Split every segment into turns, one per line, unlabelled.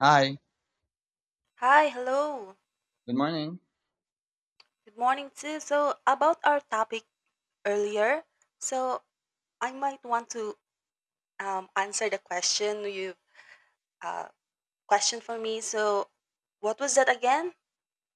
Hi,
Hi, hello.
good morning.
Good morning too. So about our topic earlier, so I might want to answer the question you uh, question for me. So what was that again?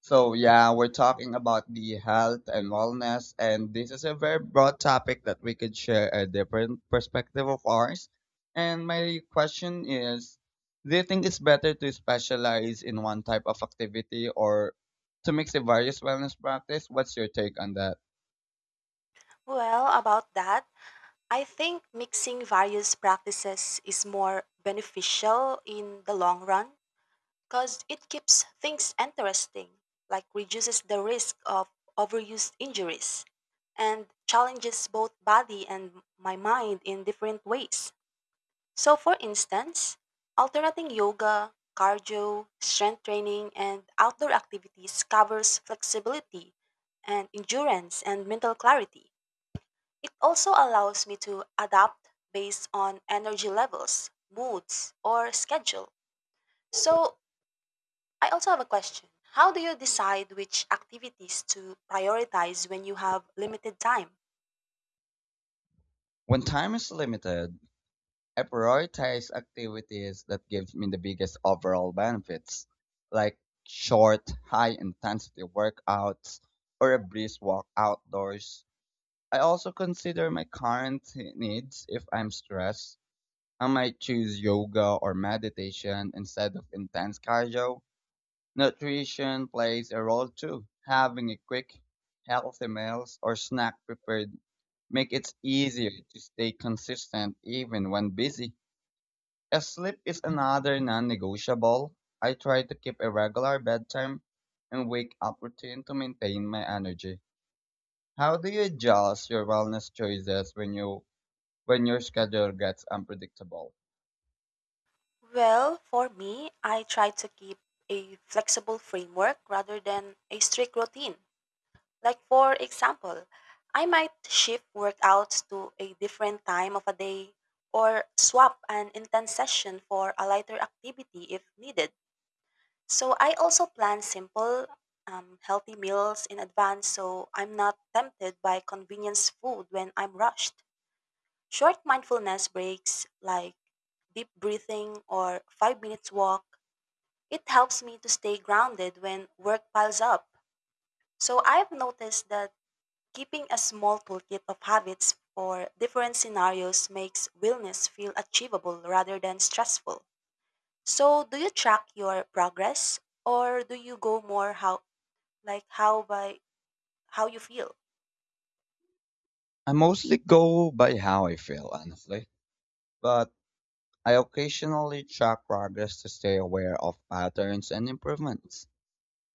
So, yeah, we're talking about the health and wellness, and this is a very broad topic that we could share a different perspective of ours. And my question is, do you think it's better to specialize in one type of activity or to mix a various wellness practice? What's your take on that?
Well, about that, I think mixing various practices is more beneficial in the long run because it keeps things interesting, like reduces the risk of overuse injuries and challenges both body and my mind in different ways. So, for instance, alternating yoga, cardio, strength training, and outdoor activities covers flexibility and endurance and mental clarity. It also allows me to adapt based on energy levels, moods, or schedule. So, I also have a question. How do you decide which activities to prioritize when you have limited time?
When time is limited, I prioritize activities that gives me the biggest overall benefits, like short, high intensity workouts or a brisk walk outdoors. I also consider my current needs if I'm stressed. I might choose yoga or meditation instead of intense cardio. Nutrition plays a role too. Having a quick, healthy meals or snack prepared make it easier to stay consistent even when busy. As sleep is another non-negotiable. I try to keep a regular bedtime and wake-up routine to maintain my energy. How do you adjust your wellness choices when your schedule gets unpredictable?
Well, for me, I try to keep a flexible framework rather than a strict routine. Like for example, I might shift workouts to a different time of a day or swap an intense session for a lighter activity if needed. So I also plan simple, healthy meals in advance so I'm not tempted by convenience food when I'm rushed. Short mindfulness breaks like deep breathing or 5 minutes walk. It helps me to stay grounded when work piles up. So I've noticed that keeping a small toolkit of habits for different scenarios makes wellness feel achievable rather than stressful. So, do you track your progress or do you go more how like how you feel?
I mostly go by how I feel, honestly, but I occasionally track progress to stay aware of patterns and improvements.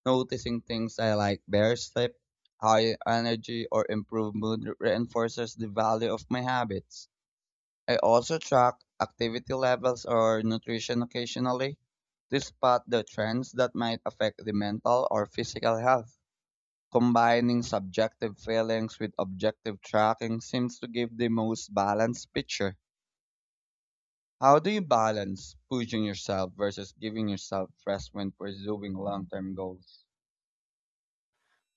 Noticing things I like, better sleep, higher energy, or improved mood reinforces the value of my habits. I also track activity levels or nutrition occasionally to spot the trends that might affect the mental or physical health. Combining subjective feelings with objective tracking seems to give the most balanced picture. How do you balance pushing yourself versus giving yourself rest when pursuing long term goals?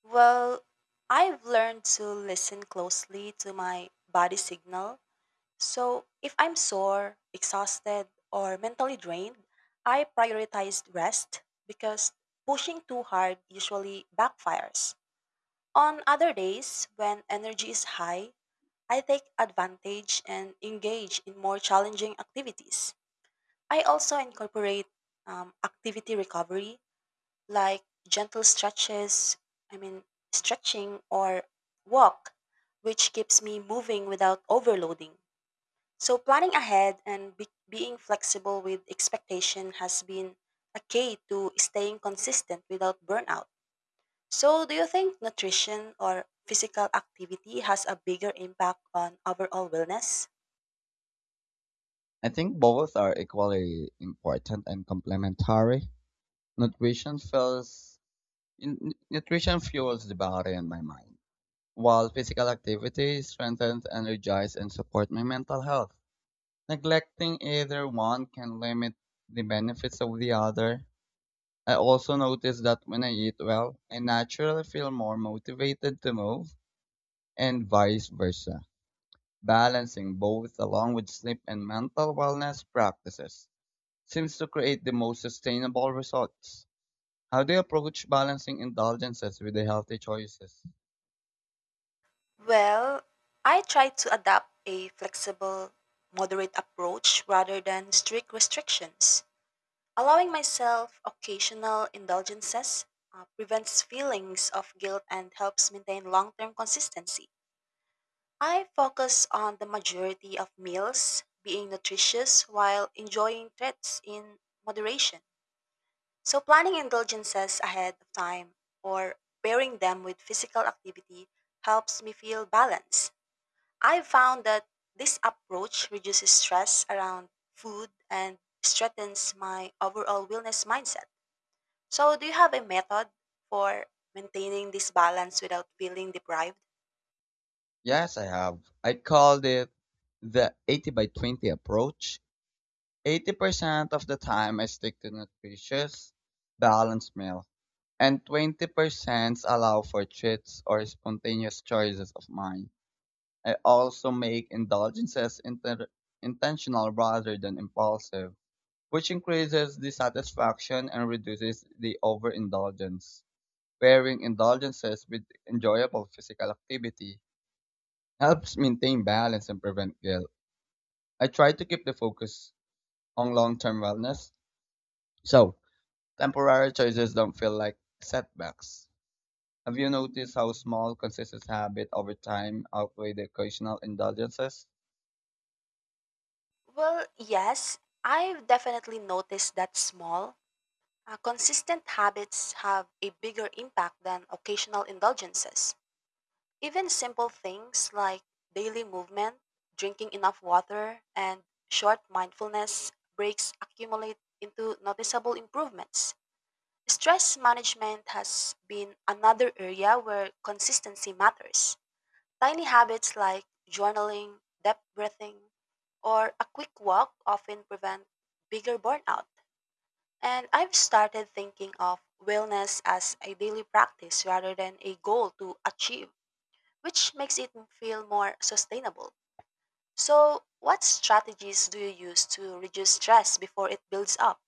Well, I've learned to listen closely to my body signal. So, if I'm sore, exhausted, or mentally drained, I prioritize rest because pushing too hard usually backfires. On other days, when energy is high, I take advantage and engage in more challenging activities. I also incorporate activity recovery, like gentle stretches, I mean, stretching or walk, which keeps me moving without overloading. So, planning ahead and being flexible with expectation has been a key to staying consistent without burnout. So, do you think nutrition or physical activity has a bigger impact on overall wellness?
I think both are equally important and complementary. Nutrition feels n- n- nutrition fuels the body and my mind. While physical activity strengthens, energizes, and supports my mental health, neglecting either one can limit the benefits of the other. I also notice that when I eat well, I naturally feel more motivated to move, and vice versa. Balancing both along with sleep and mental wellness practices seems to create the most sustainable results. How do you approach balancing indulgences with the healthy choices?
Well, I try to adopt a flexible, moderate approach rather than strict restrictions. Allowing myself occasional indulgences prevents feelings of guilt and helps maintain long term consistency. I focus on the majority of meals being nutritious while enjoying treats in moderation. So, planning indulgences ahead of time or pairing them with physical activity helps me feel balanced. I've found that this approach reduces stress around food and strengthens my overall wellness mindset. So, do you have a method for maintaining this balance without feeling deprived?
Yes, I have. I called it the 80 by 20 approach. 80% of the time I stick to nutritious, balanced meal, and 20% allow for treats or spontaneous choices of mine. I also make indulgences intentional rather than impulsive, which increases the satisfaction and reduces the overindulgence. Pairing indulgences with enjoyable physical activity helps maintain balance and prevent guilt. I try to keep the focus on long term wellness, so temporary choices don't feel like setbacks. Have you noticed how small, consistent habits over time outweigh the occasional indulgences?
Well, yes, I've definitely noticed that small, consistent habits have a bigger impact than occasional indulgences. Even simple things like daily movement, drinking enough water, and short mindfulness breaks accumulate into noticeable improvements. Stress management has been another area where consistency matters. Tiny habits like journaling, deep breathing, or a quick walk often prevent bigger burnout. And I've started thinking of wellness as a daily practice rather than a goal to achieve, which makes it feel more sustainable. So, what strategies do you use to reduce stress before it builds up?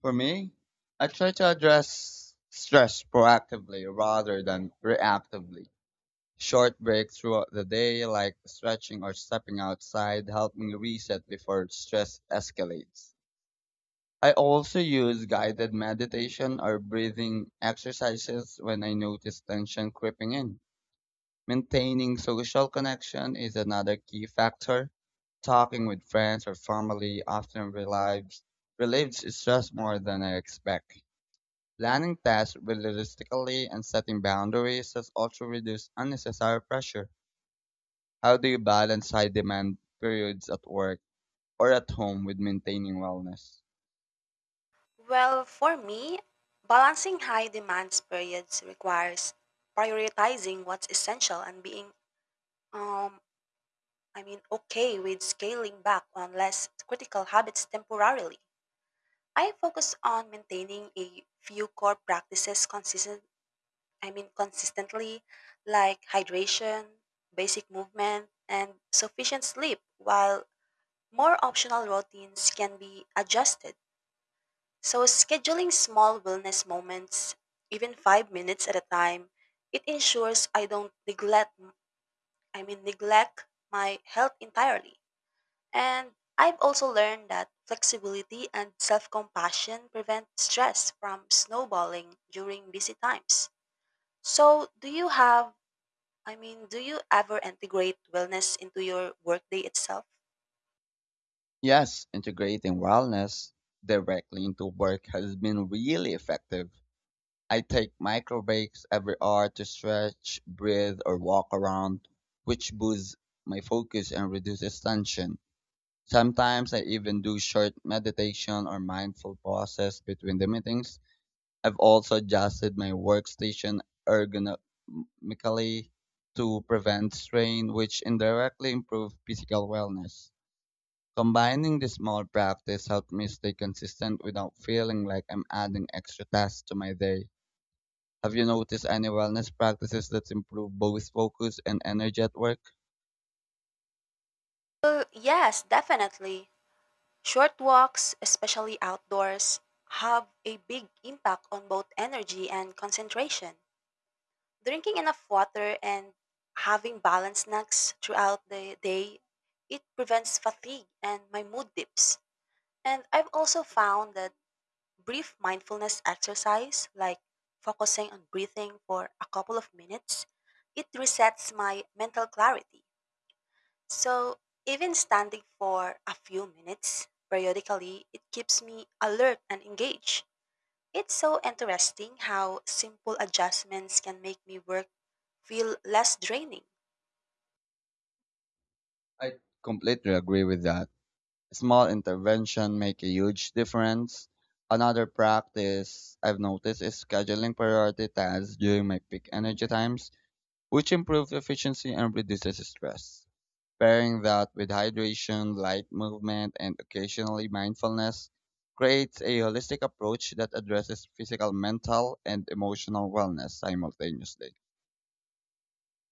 For me, I try to address stress proactively rather than reactively. Short breaks throughout the day, like stretching or stepping outside, help me reset before stress escalates. I also use guided meditation or breathing exercises when I notice tension creeping in. Maintaining social connection is another key factor. Talking with friends or family often relieves stress more than I expect. Planning tasks realistically and setting boundaries has also reduced unnecessary pressure. How do you balance high demand periods at work or at home with maintaining wellness?
Well, for me, balancing high demands periods requires prioritizing what's essential and being um okay with scaling back on less critical habits temporarily. I focus on maintaining a few core practices consistently, like hydration, basic movement, and sufficient sleep, while more optional routines can be adjusted. So, scheduling small wellness moments, even 5 minutes at a time, it ensures I don't neglect my health entirely. And I've also learned that flexibility and self compassion prevent stress from snowballing during busy times. So, do you have I mean, do you ever integrate wellness into your workday itself?
Yes, integrating wellness directly into work has been really effective. I take micro breaks every hour to stretch, breathe, or walk around, which boosts my focus and reduces tension. Sometimes I even do short meditation or mindful pauses between the meetings. I've also adjusted my workstation ergonomically to prevent strain, which indirectly improves physical wellness. Combining this small practice helped me stay consistent without feeling like I'm adding extra tasks to my day. Have you noticed any wellness practices that improve both focus and energy at work?
Well, yes, definitely. Short walks, especially outdoors, have a big impact on both energy and concentration. Drinking enough water and having balanced snacks throughout the day, it prevents fatigue and my mood dips. And I've also found that brief mindfulness exercise, like focusing on breathing for a couple of minutes, it resets my mental clarity. So, even standing for a few minutes periodically, it keeps me alert and engaged. It's so interesting how simple adjustments can make me work feel less draining.
I completely agree with that. Small intervention make a huge difference. Another practice I've noticed is scheduling priority tasks during my peak energy times, which improves efficiency and reduces stress. Pairing that with hydration, light movement, and occasionally mindfulness creates a holistic approach that addresses physical, mental, and emotional wellness simultaneously.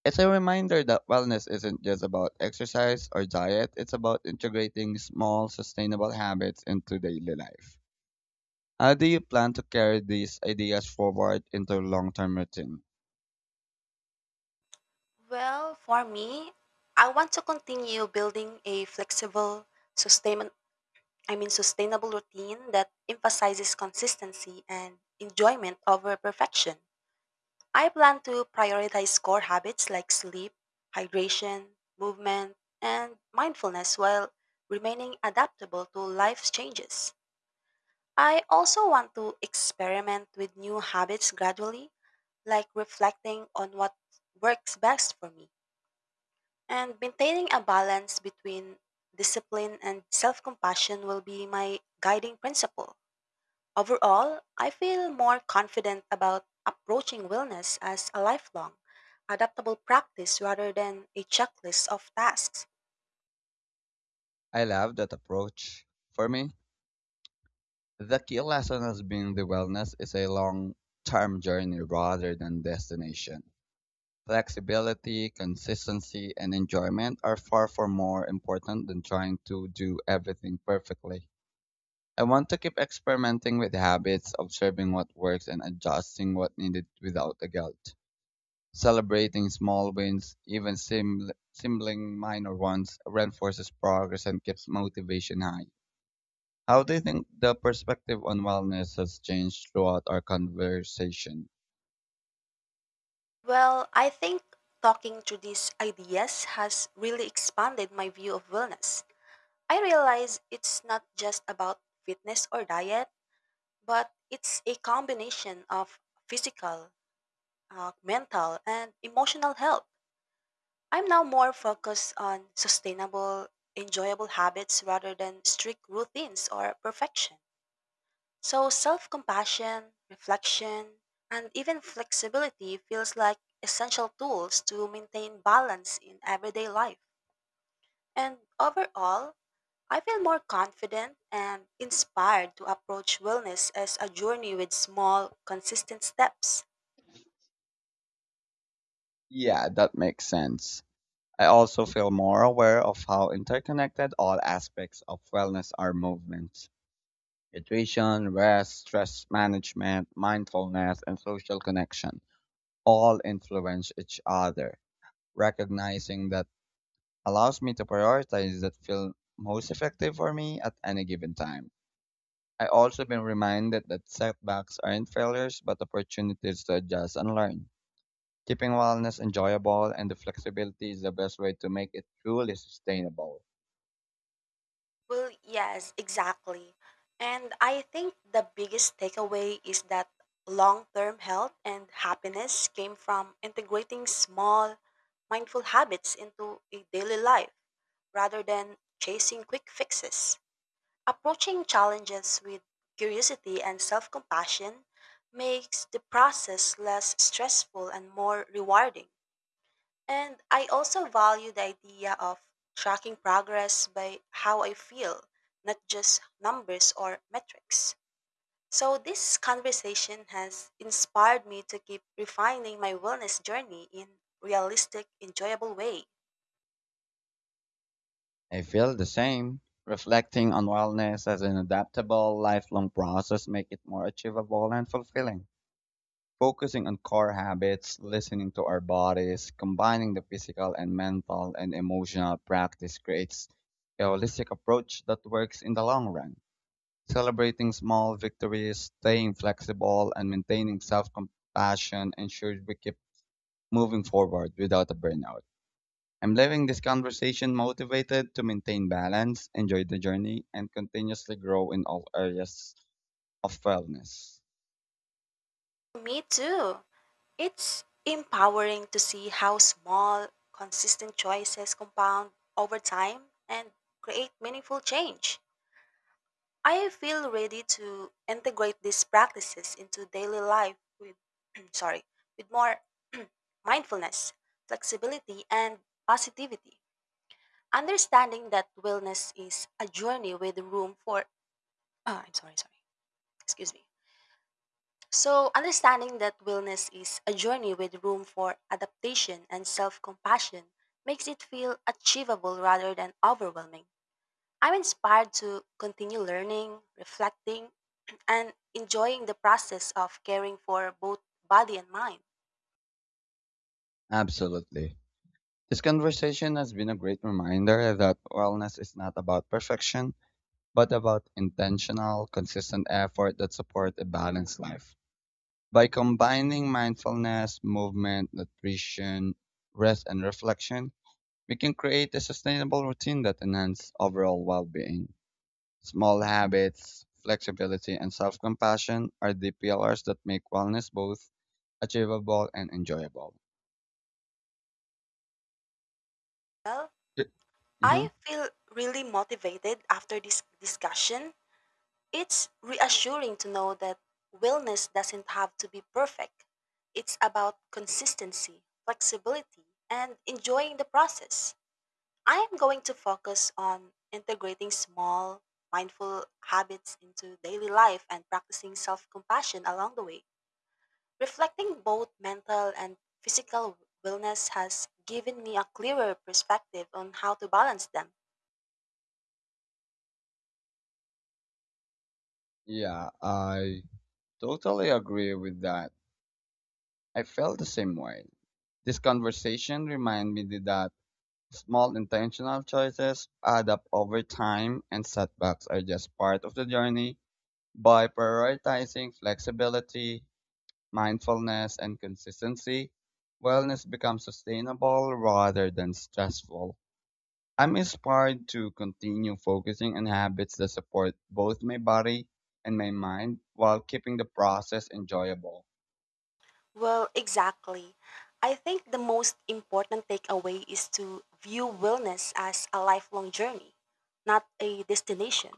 It's a reminder that wellness isn't just about exercise or diet, it's about integrating small, sustainable habits into daily life. How do you plan to carry these ideas forward into long term routine?
Well, for me, I want to continue building a flexible, sustain- sustainable routine that emphasizes consistency and enjoyment over perfection. I plan to prioritize core habits like sleep, hydration, movement, and mindfulness while remaining adaptable to life's changes. I also want to experiment with new habits gradually, like reflecting on what works best for me. And maintaining a balance between discipline and self compassion will be my guiding principle. Overall, I feel more confident about approaching wellness as a lifelong, adaptable practice rather than a checklist of tasks.
I love that approach. For me, the key lesson has been that wellness is a long term journey rather than destination. Flexibility, consistency, and enjoyment are far, far more important than trying to do everything perfectly. I want to keep experimenting with habits, observing what works, and adjusting what needed without a guilt. Celebrating small wins, even sibling minor ones, reinforces progress and keeps motivation high. How do you think the perspective on wellness has changed throughout our conversation?
Well, I think talking through these ideas has really expanded my view of wellness. I realize it's not just about fitness or diet, but it's a combination of physical, mental, and emotional health. I'm now more focused on sustainable, enjoyable habits rather than strict routines or perfection. So self compassion, reflection, and even flexibility feels like essential tools to maintain balance in everyday life. And overall, I feel more confident and inspired to approach wellness as a journey with small, consistent steps.
Yeah, that makes sense. I also feel more aware of how interconnected all aspects of wellness are: movement, nutrition, rest, stress management, mindfulness, and social connection all influence each other. Recognizing that allows me to prioritize that feel most effective for me at any given time. I also been reminded that setbacks aren't failures but opportunities to adjust and learn. Keeping wellness enjoyable and the flexibility is the best way to make it truly sustainable.
Well, yes, exactly. And I think the biggest takeaway is that long term health and happiness came from integrating small, mindful habits into a daily life rather than chasing quick fixes. Approaching challenges with curiosity and self compassion makes the process less stressful and more rewarding. And I also value the idea of tracking progress by how I feel, not just numbers or metrics. So, this conversation has inspired me to keep refining my wellness journey in realistic, enjoyable way.
I feel the same. Reflecting on wellness as an adaptable, lifelong process make it more achievable and fulfilling. Focusing on core habits, listening to our bodies, combining the physical and mental and emotional practice creates a holistic approach that works in the long run. Celebrating small victories, staying flexible, and maintaining self-compassion ensures we keep moving forward without a burnout. I'm leaving this conversation motivated to maintain balance, enjoy the journey, and continuously grow in all areas of wellness.
Me too. It's empowering to see how small, consistent choices compound over time and create meaningful change. I feel ready to integrate these practices into daily life with sorry, with more mindfulness, flexibility and positivity. Understanding that wellness is a journey with room for ah, I'm sorry, sorry. Excuse me. So, understanding that wellness is a journey with room for adaptation and self-compassion makes it feel achievable rather than overwhelming. I'm inspired to continue learning, reflecting, and enjoying the process of caring for both body and mind.
Absolutely. This conversation has been a great reminder that wellness is not about perfection, but about intentional, consistent effort that supports a balanced life. By combining mindfulness, movement, nutrition, rest, and reflection, we can create a sustainable routine that enhances overall well-being. Small habits, flexibility, and self-compassion are the pillars that make wellness both achievable and enjoyable.
Well,
Mm-hmm.
I feel really motivated after this discussion. It's reassuring to know that wellness doesn't have to be perfect. It's about consistency, flexibility, and enjoying the process. I am going to focus on integrating small, mindful habits into daily life and practicing self compassion along the way. Reflecting both mental and physical wellness has given me a clearer perspective on how to balance them.
Yeah, I totally agree with that. I felt the same way. This conversation reminded me that small intentional choices add up over time, and setbacks are just part of the journey. By prioritizing flexibility, mindfulness, and consistency, wellness becomes sustainable rather than stressful. I'm inspired to continue focusing on habits that support both my body and my mind while keeping the process enjoyable.
Well, exactly. I think the most important takeaway is to view wellness as a lifelong journey, not a destination.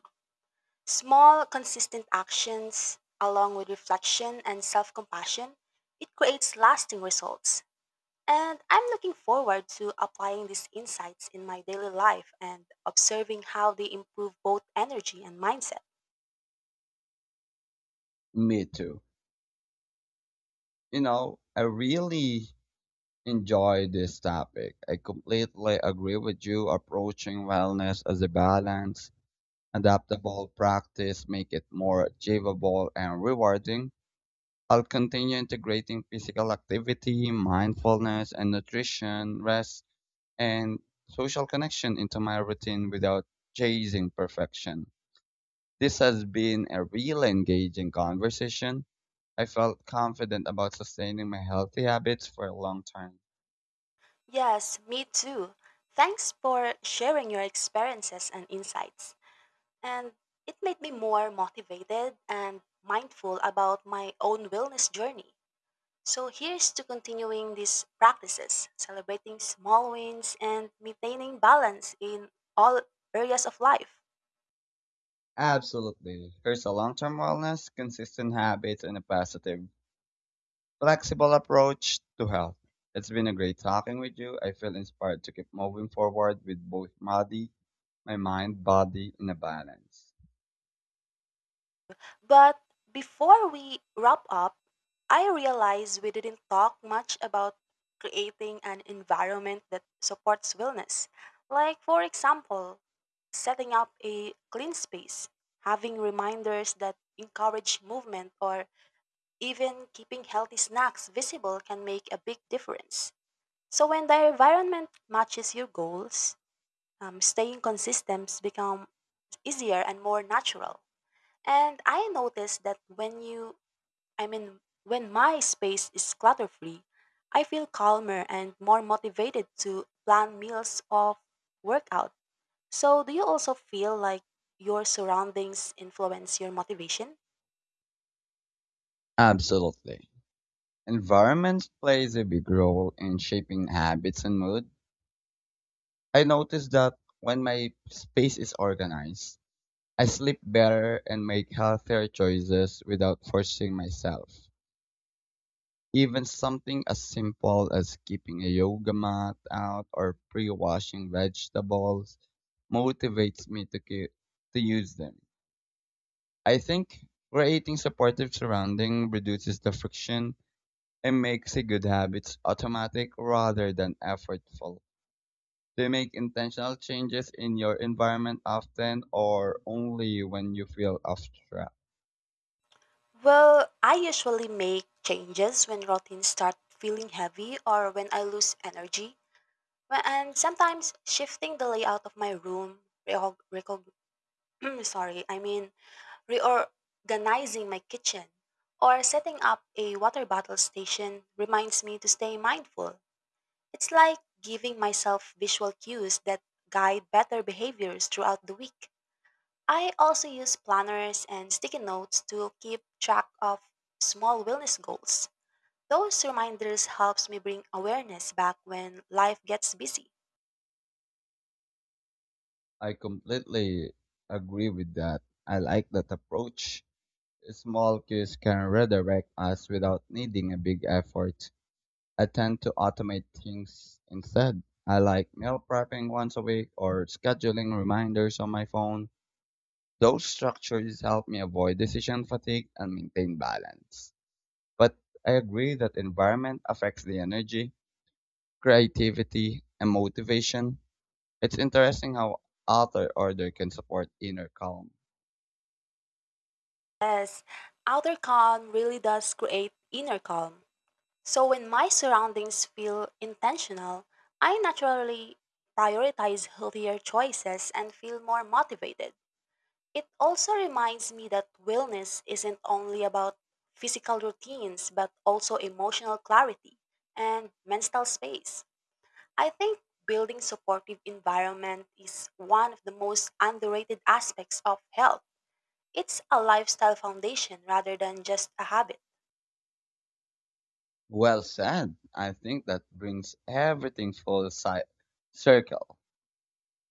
Small, consistent actions, along with reflection and self compassion, it creates lasting results. And I'm looking forward to applying these insights in my daily life and observing how they improve both energy and mindset.
Me too. I really enjoy this topic. I completely agree with you. Approaching wellness as a balance, adaptable practice, make it more achievable and rewarding. I'll continue integrating physical activity, mindfulness, and nutrition, rest, and social connection into my routine without chasing perfection. This has been a really engaging conversation. I felt confident about sustaining my healthy habits for a long time.
Yes, me too. Thanks for sharing your experiences and insights. And it made me more motivated and mindful about my own wellness journey. So here's to continuing these practices, celebrating small wins and maintaining balance in all areas of life.
Absolutely. There's a long term wellness, consistent habits, and a positive, flexible approach to health. It's been a great talking with you. I feel inspired to keep moving forward with both body, my mind, body in a balance.
But before we wrap up, I realize we didn't talk much about creating an environment that supports wellness. Like, for example, setting up a clean space, having reminders that encourage movement, or even keeping healthy snacks visible can make a big difference. So when the environment matches your goals, staying consistent becomes easier and more natural. And I noticed that when you, I mean, when my space is clutter free, I feel calmer and more motivated to plan meals or workout. So do you also feel like your surroundings influence your motivation?
Absolutely. Environment plays a big role in shaping habits and mood. I notice that when my space is organized, I sleep better and make healthier choices without forcing myself. Even something as simple as keeping a yoga mat out or pre-washing vegetables motivates me to keep, to use them. I think creating supportive surrounding reduces the friction and makes a good habits automatic rather than effortful. Do you make intentional changes in your environment often or only when you feel off track?
Well, I usually make changes when routines start feeling heavy or when I lose energy. Well, and sometimes shifting the layout of my room, reorg- recog- sorry, I mean reorganizing my kitchen, or setting up a water bottle station reminds me to stay mindful. It's like giving myself visual cues that guide better behaviors throughout the week. I also use planners and sticky notes to keep track of small wellness goals. Those reminders helps me bring awareness back when life gets busy.
I completely agree with that. I like that approach. Small cues can redirect us without needing a big effort. I tend to automate things instead. I like meal prepping once a week or scheduling reminders on my phone. Those structures help me avoid decision fatigue and maintain balance. But I agree that environment affects the energy, creativity, and motivation. It's interesting how outer order can support inner calm.
Yes, outer calm really does create inner calm. So when my surroundings feel intentional, I naturally prioritize healthier choices and feel more motivated. It also reminds me that wellness isn't only about physical routines, but also emotional clarity and mental space. I think building supportive environment is one of the most underrated aspects of health. It's a lifestyle foundation rather than just a habit.
Well said. I think that brings everything full circle.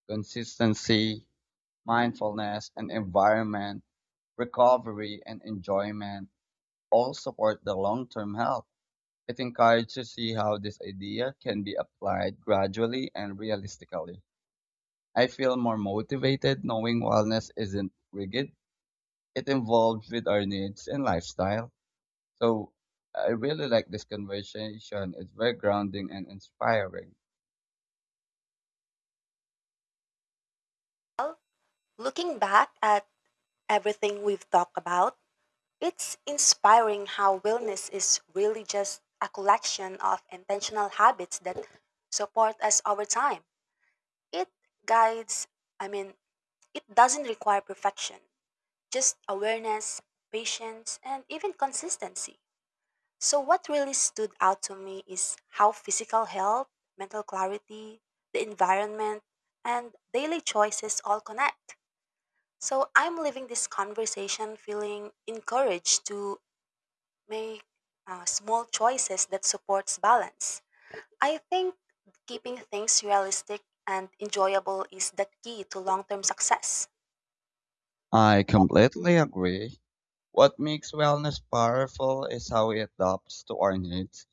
Consistency, mindfulness, and environment, recovery, and enjoyment all support the long term health. It encourages to see how this idea can be applied gradually and realistically. I feel more motivated knowing wellness isn't rigid, it evolves with our needs and lifestyle. So I really like this conversation. It's very grounding and inspiring.
Well, looking back at everything we've talked about, it's inspiring how wellness is really just a collection of intentional habits that support us over time. It guides, I mean, it doesn't require perfection, just awareness, patience, and even consistency. So, what really stood out to me is how physical health, mental clarity, the environment, and daily choices all connect. So, I'm leaving this conversation feeling encouraged to make small choices that supports balance. I think keeping things realistic and enjoyable is the key to long-term success.
I completely agree. What makes wellness powerful is how it adapts to our needs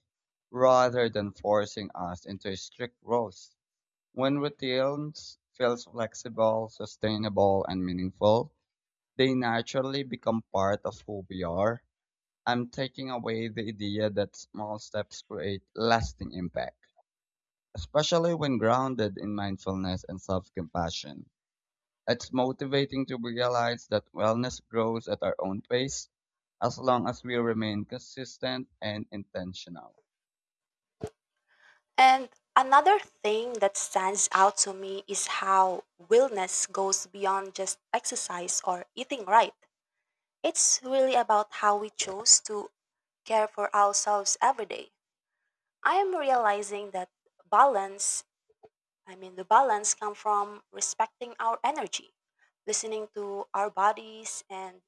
rather than forcing us into strict roles. When routines feel flexible, sustainable, and meaningful, they naturally become part of who we are. I'm taking away the idea that small steps create lasting impact, especially when grounded in mindfulness and self compassion. It's motivating to realize that wellness grows at our own pace as long as we remain consistent and intentional.
And another thing that stands out to me is how wellness goes beyond just exercise or eating right. It's really about how we choose to care for ourselves every day. I am realizing that balance, the balance comes from respecting our energy, listening to our bodies, and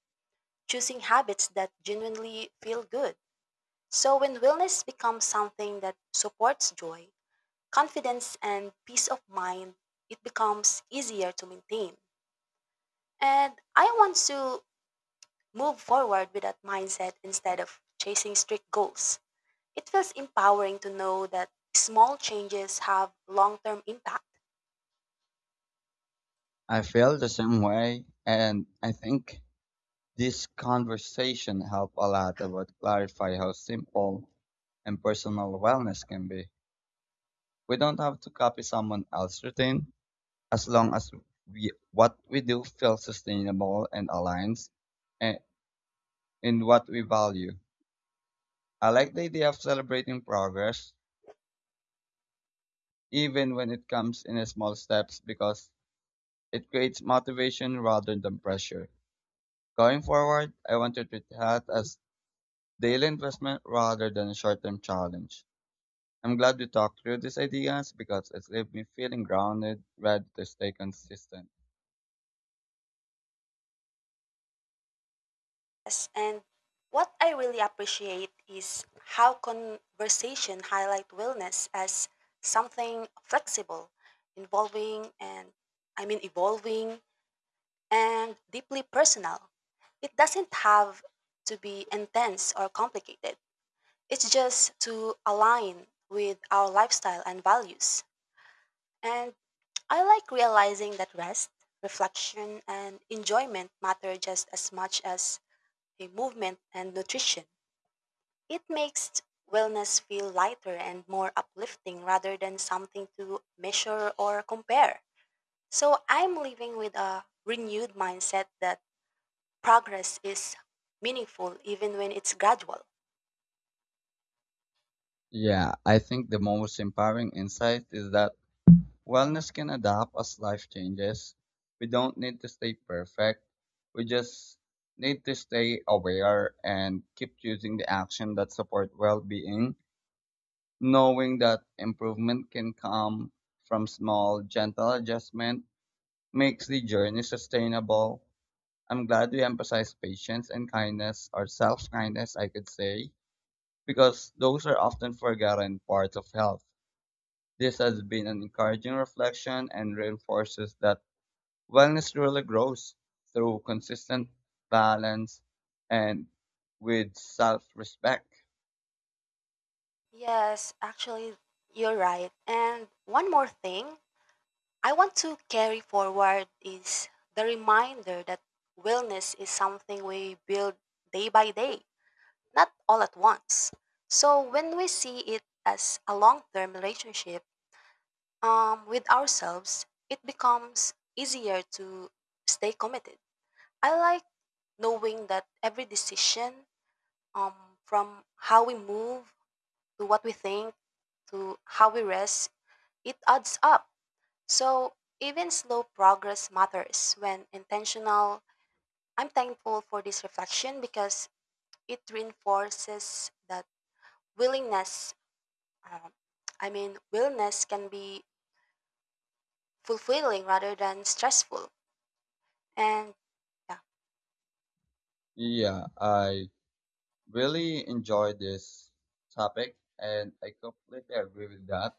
choosing habits that genuinely feel good. So when wellness becomes something that supports joy, confidence and peace of mind, it becomes easier to maintain. And I want to move forward with that mindset instead of chasing strict goals. It feels empowering to know that small changes have long term impacts.
I feel the same way, and I think this conversation helped a lot about clarify how simple and personal wellness can be. We don't have to copy someone else's routine as long as we what we do feels sustainable and aligns eh, in what we value. I like the idea of celebrating progress even when it comes in small steps, because it creates motivation rather than pressure. Going forward, I want to treat health as daily investment rather than a short term challenge. I'm glad we talked through these ideas because it's left me feeling grounded, ready to stay consistent.
And what I really appreciate is how conversation highlight wellness as something flexible, involving and I mean evolving and deeply personal. It doesn't have to be intense or complicated. It's just to align with our lifestyle and values. And I like realizing that rest, reflection, and enjoyment matter just as much as a movement and nutrition. It makes wellness feel lighter and more uplifting rather than something to measure or compare. So I'm living with a renewed mindset that progress is meaningful even when it's gradual.
Yeah, I think the most empowering insight is that wellness can adapt as life changes. We don't need to stay perfect. We just need to stay aware and keep choosing the action that support well-being, knowing that improvement can come from small, gentle adjustment makes the journey sustainable. I'm glad we emphasize patience and kindness or self-kindness, I could say, because those are often forgotten parts of health. This has been an encouraging reflection and reinforces that wellness really grows through consistent balance and with self respect.
Yes, actually, you're right. And one more thing I want to carry forward is the reminder that wellness is something we build day by day, not all at once. So when we see it as a long term relationship with ourselves, it becomes easier to stay committed. I like knowing that every decision, um, from how we move to what we think to how we rest, it adds up. So even slow progress matters when intentional. I'm thankful for this reflection because it reinforces that willingness, um, willness can be fulfilling rather than stressful. And yeah,
Yeah, I really enjoy this topic and I completely agree with that.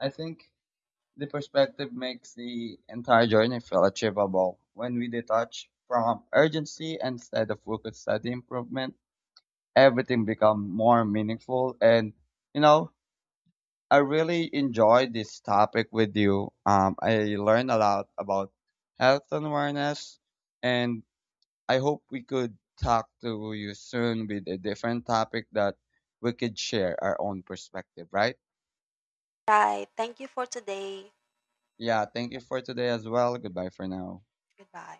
I think the perspective makes the entire journey feel achievable. When we detach from urgency instead of focus on the improvement, everything becomes more meaningful and you know I really enjoyed this topic with you. I learned a lot about health and awareness, and I hope we could talk to you soon with a different topic that we could share our own perspective, right?
right. Thank you for today.
Yeah, thank you for today as well. Goodbye for now.
Goodbye.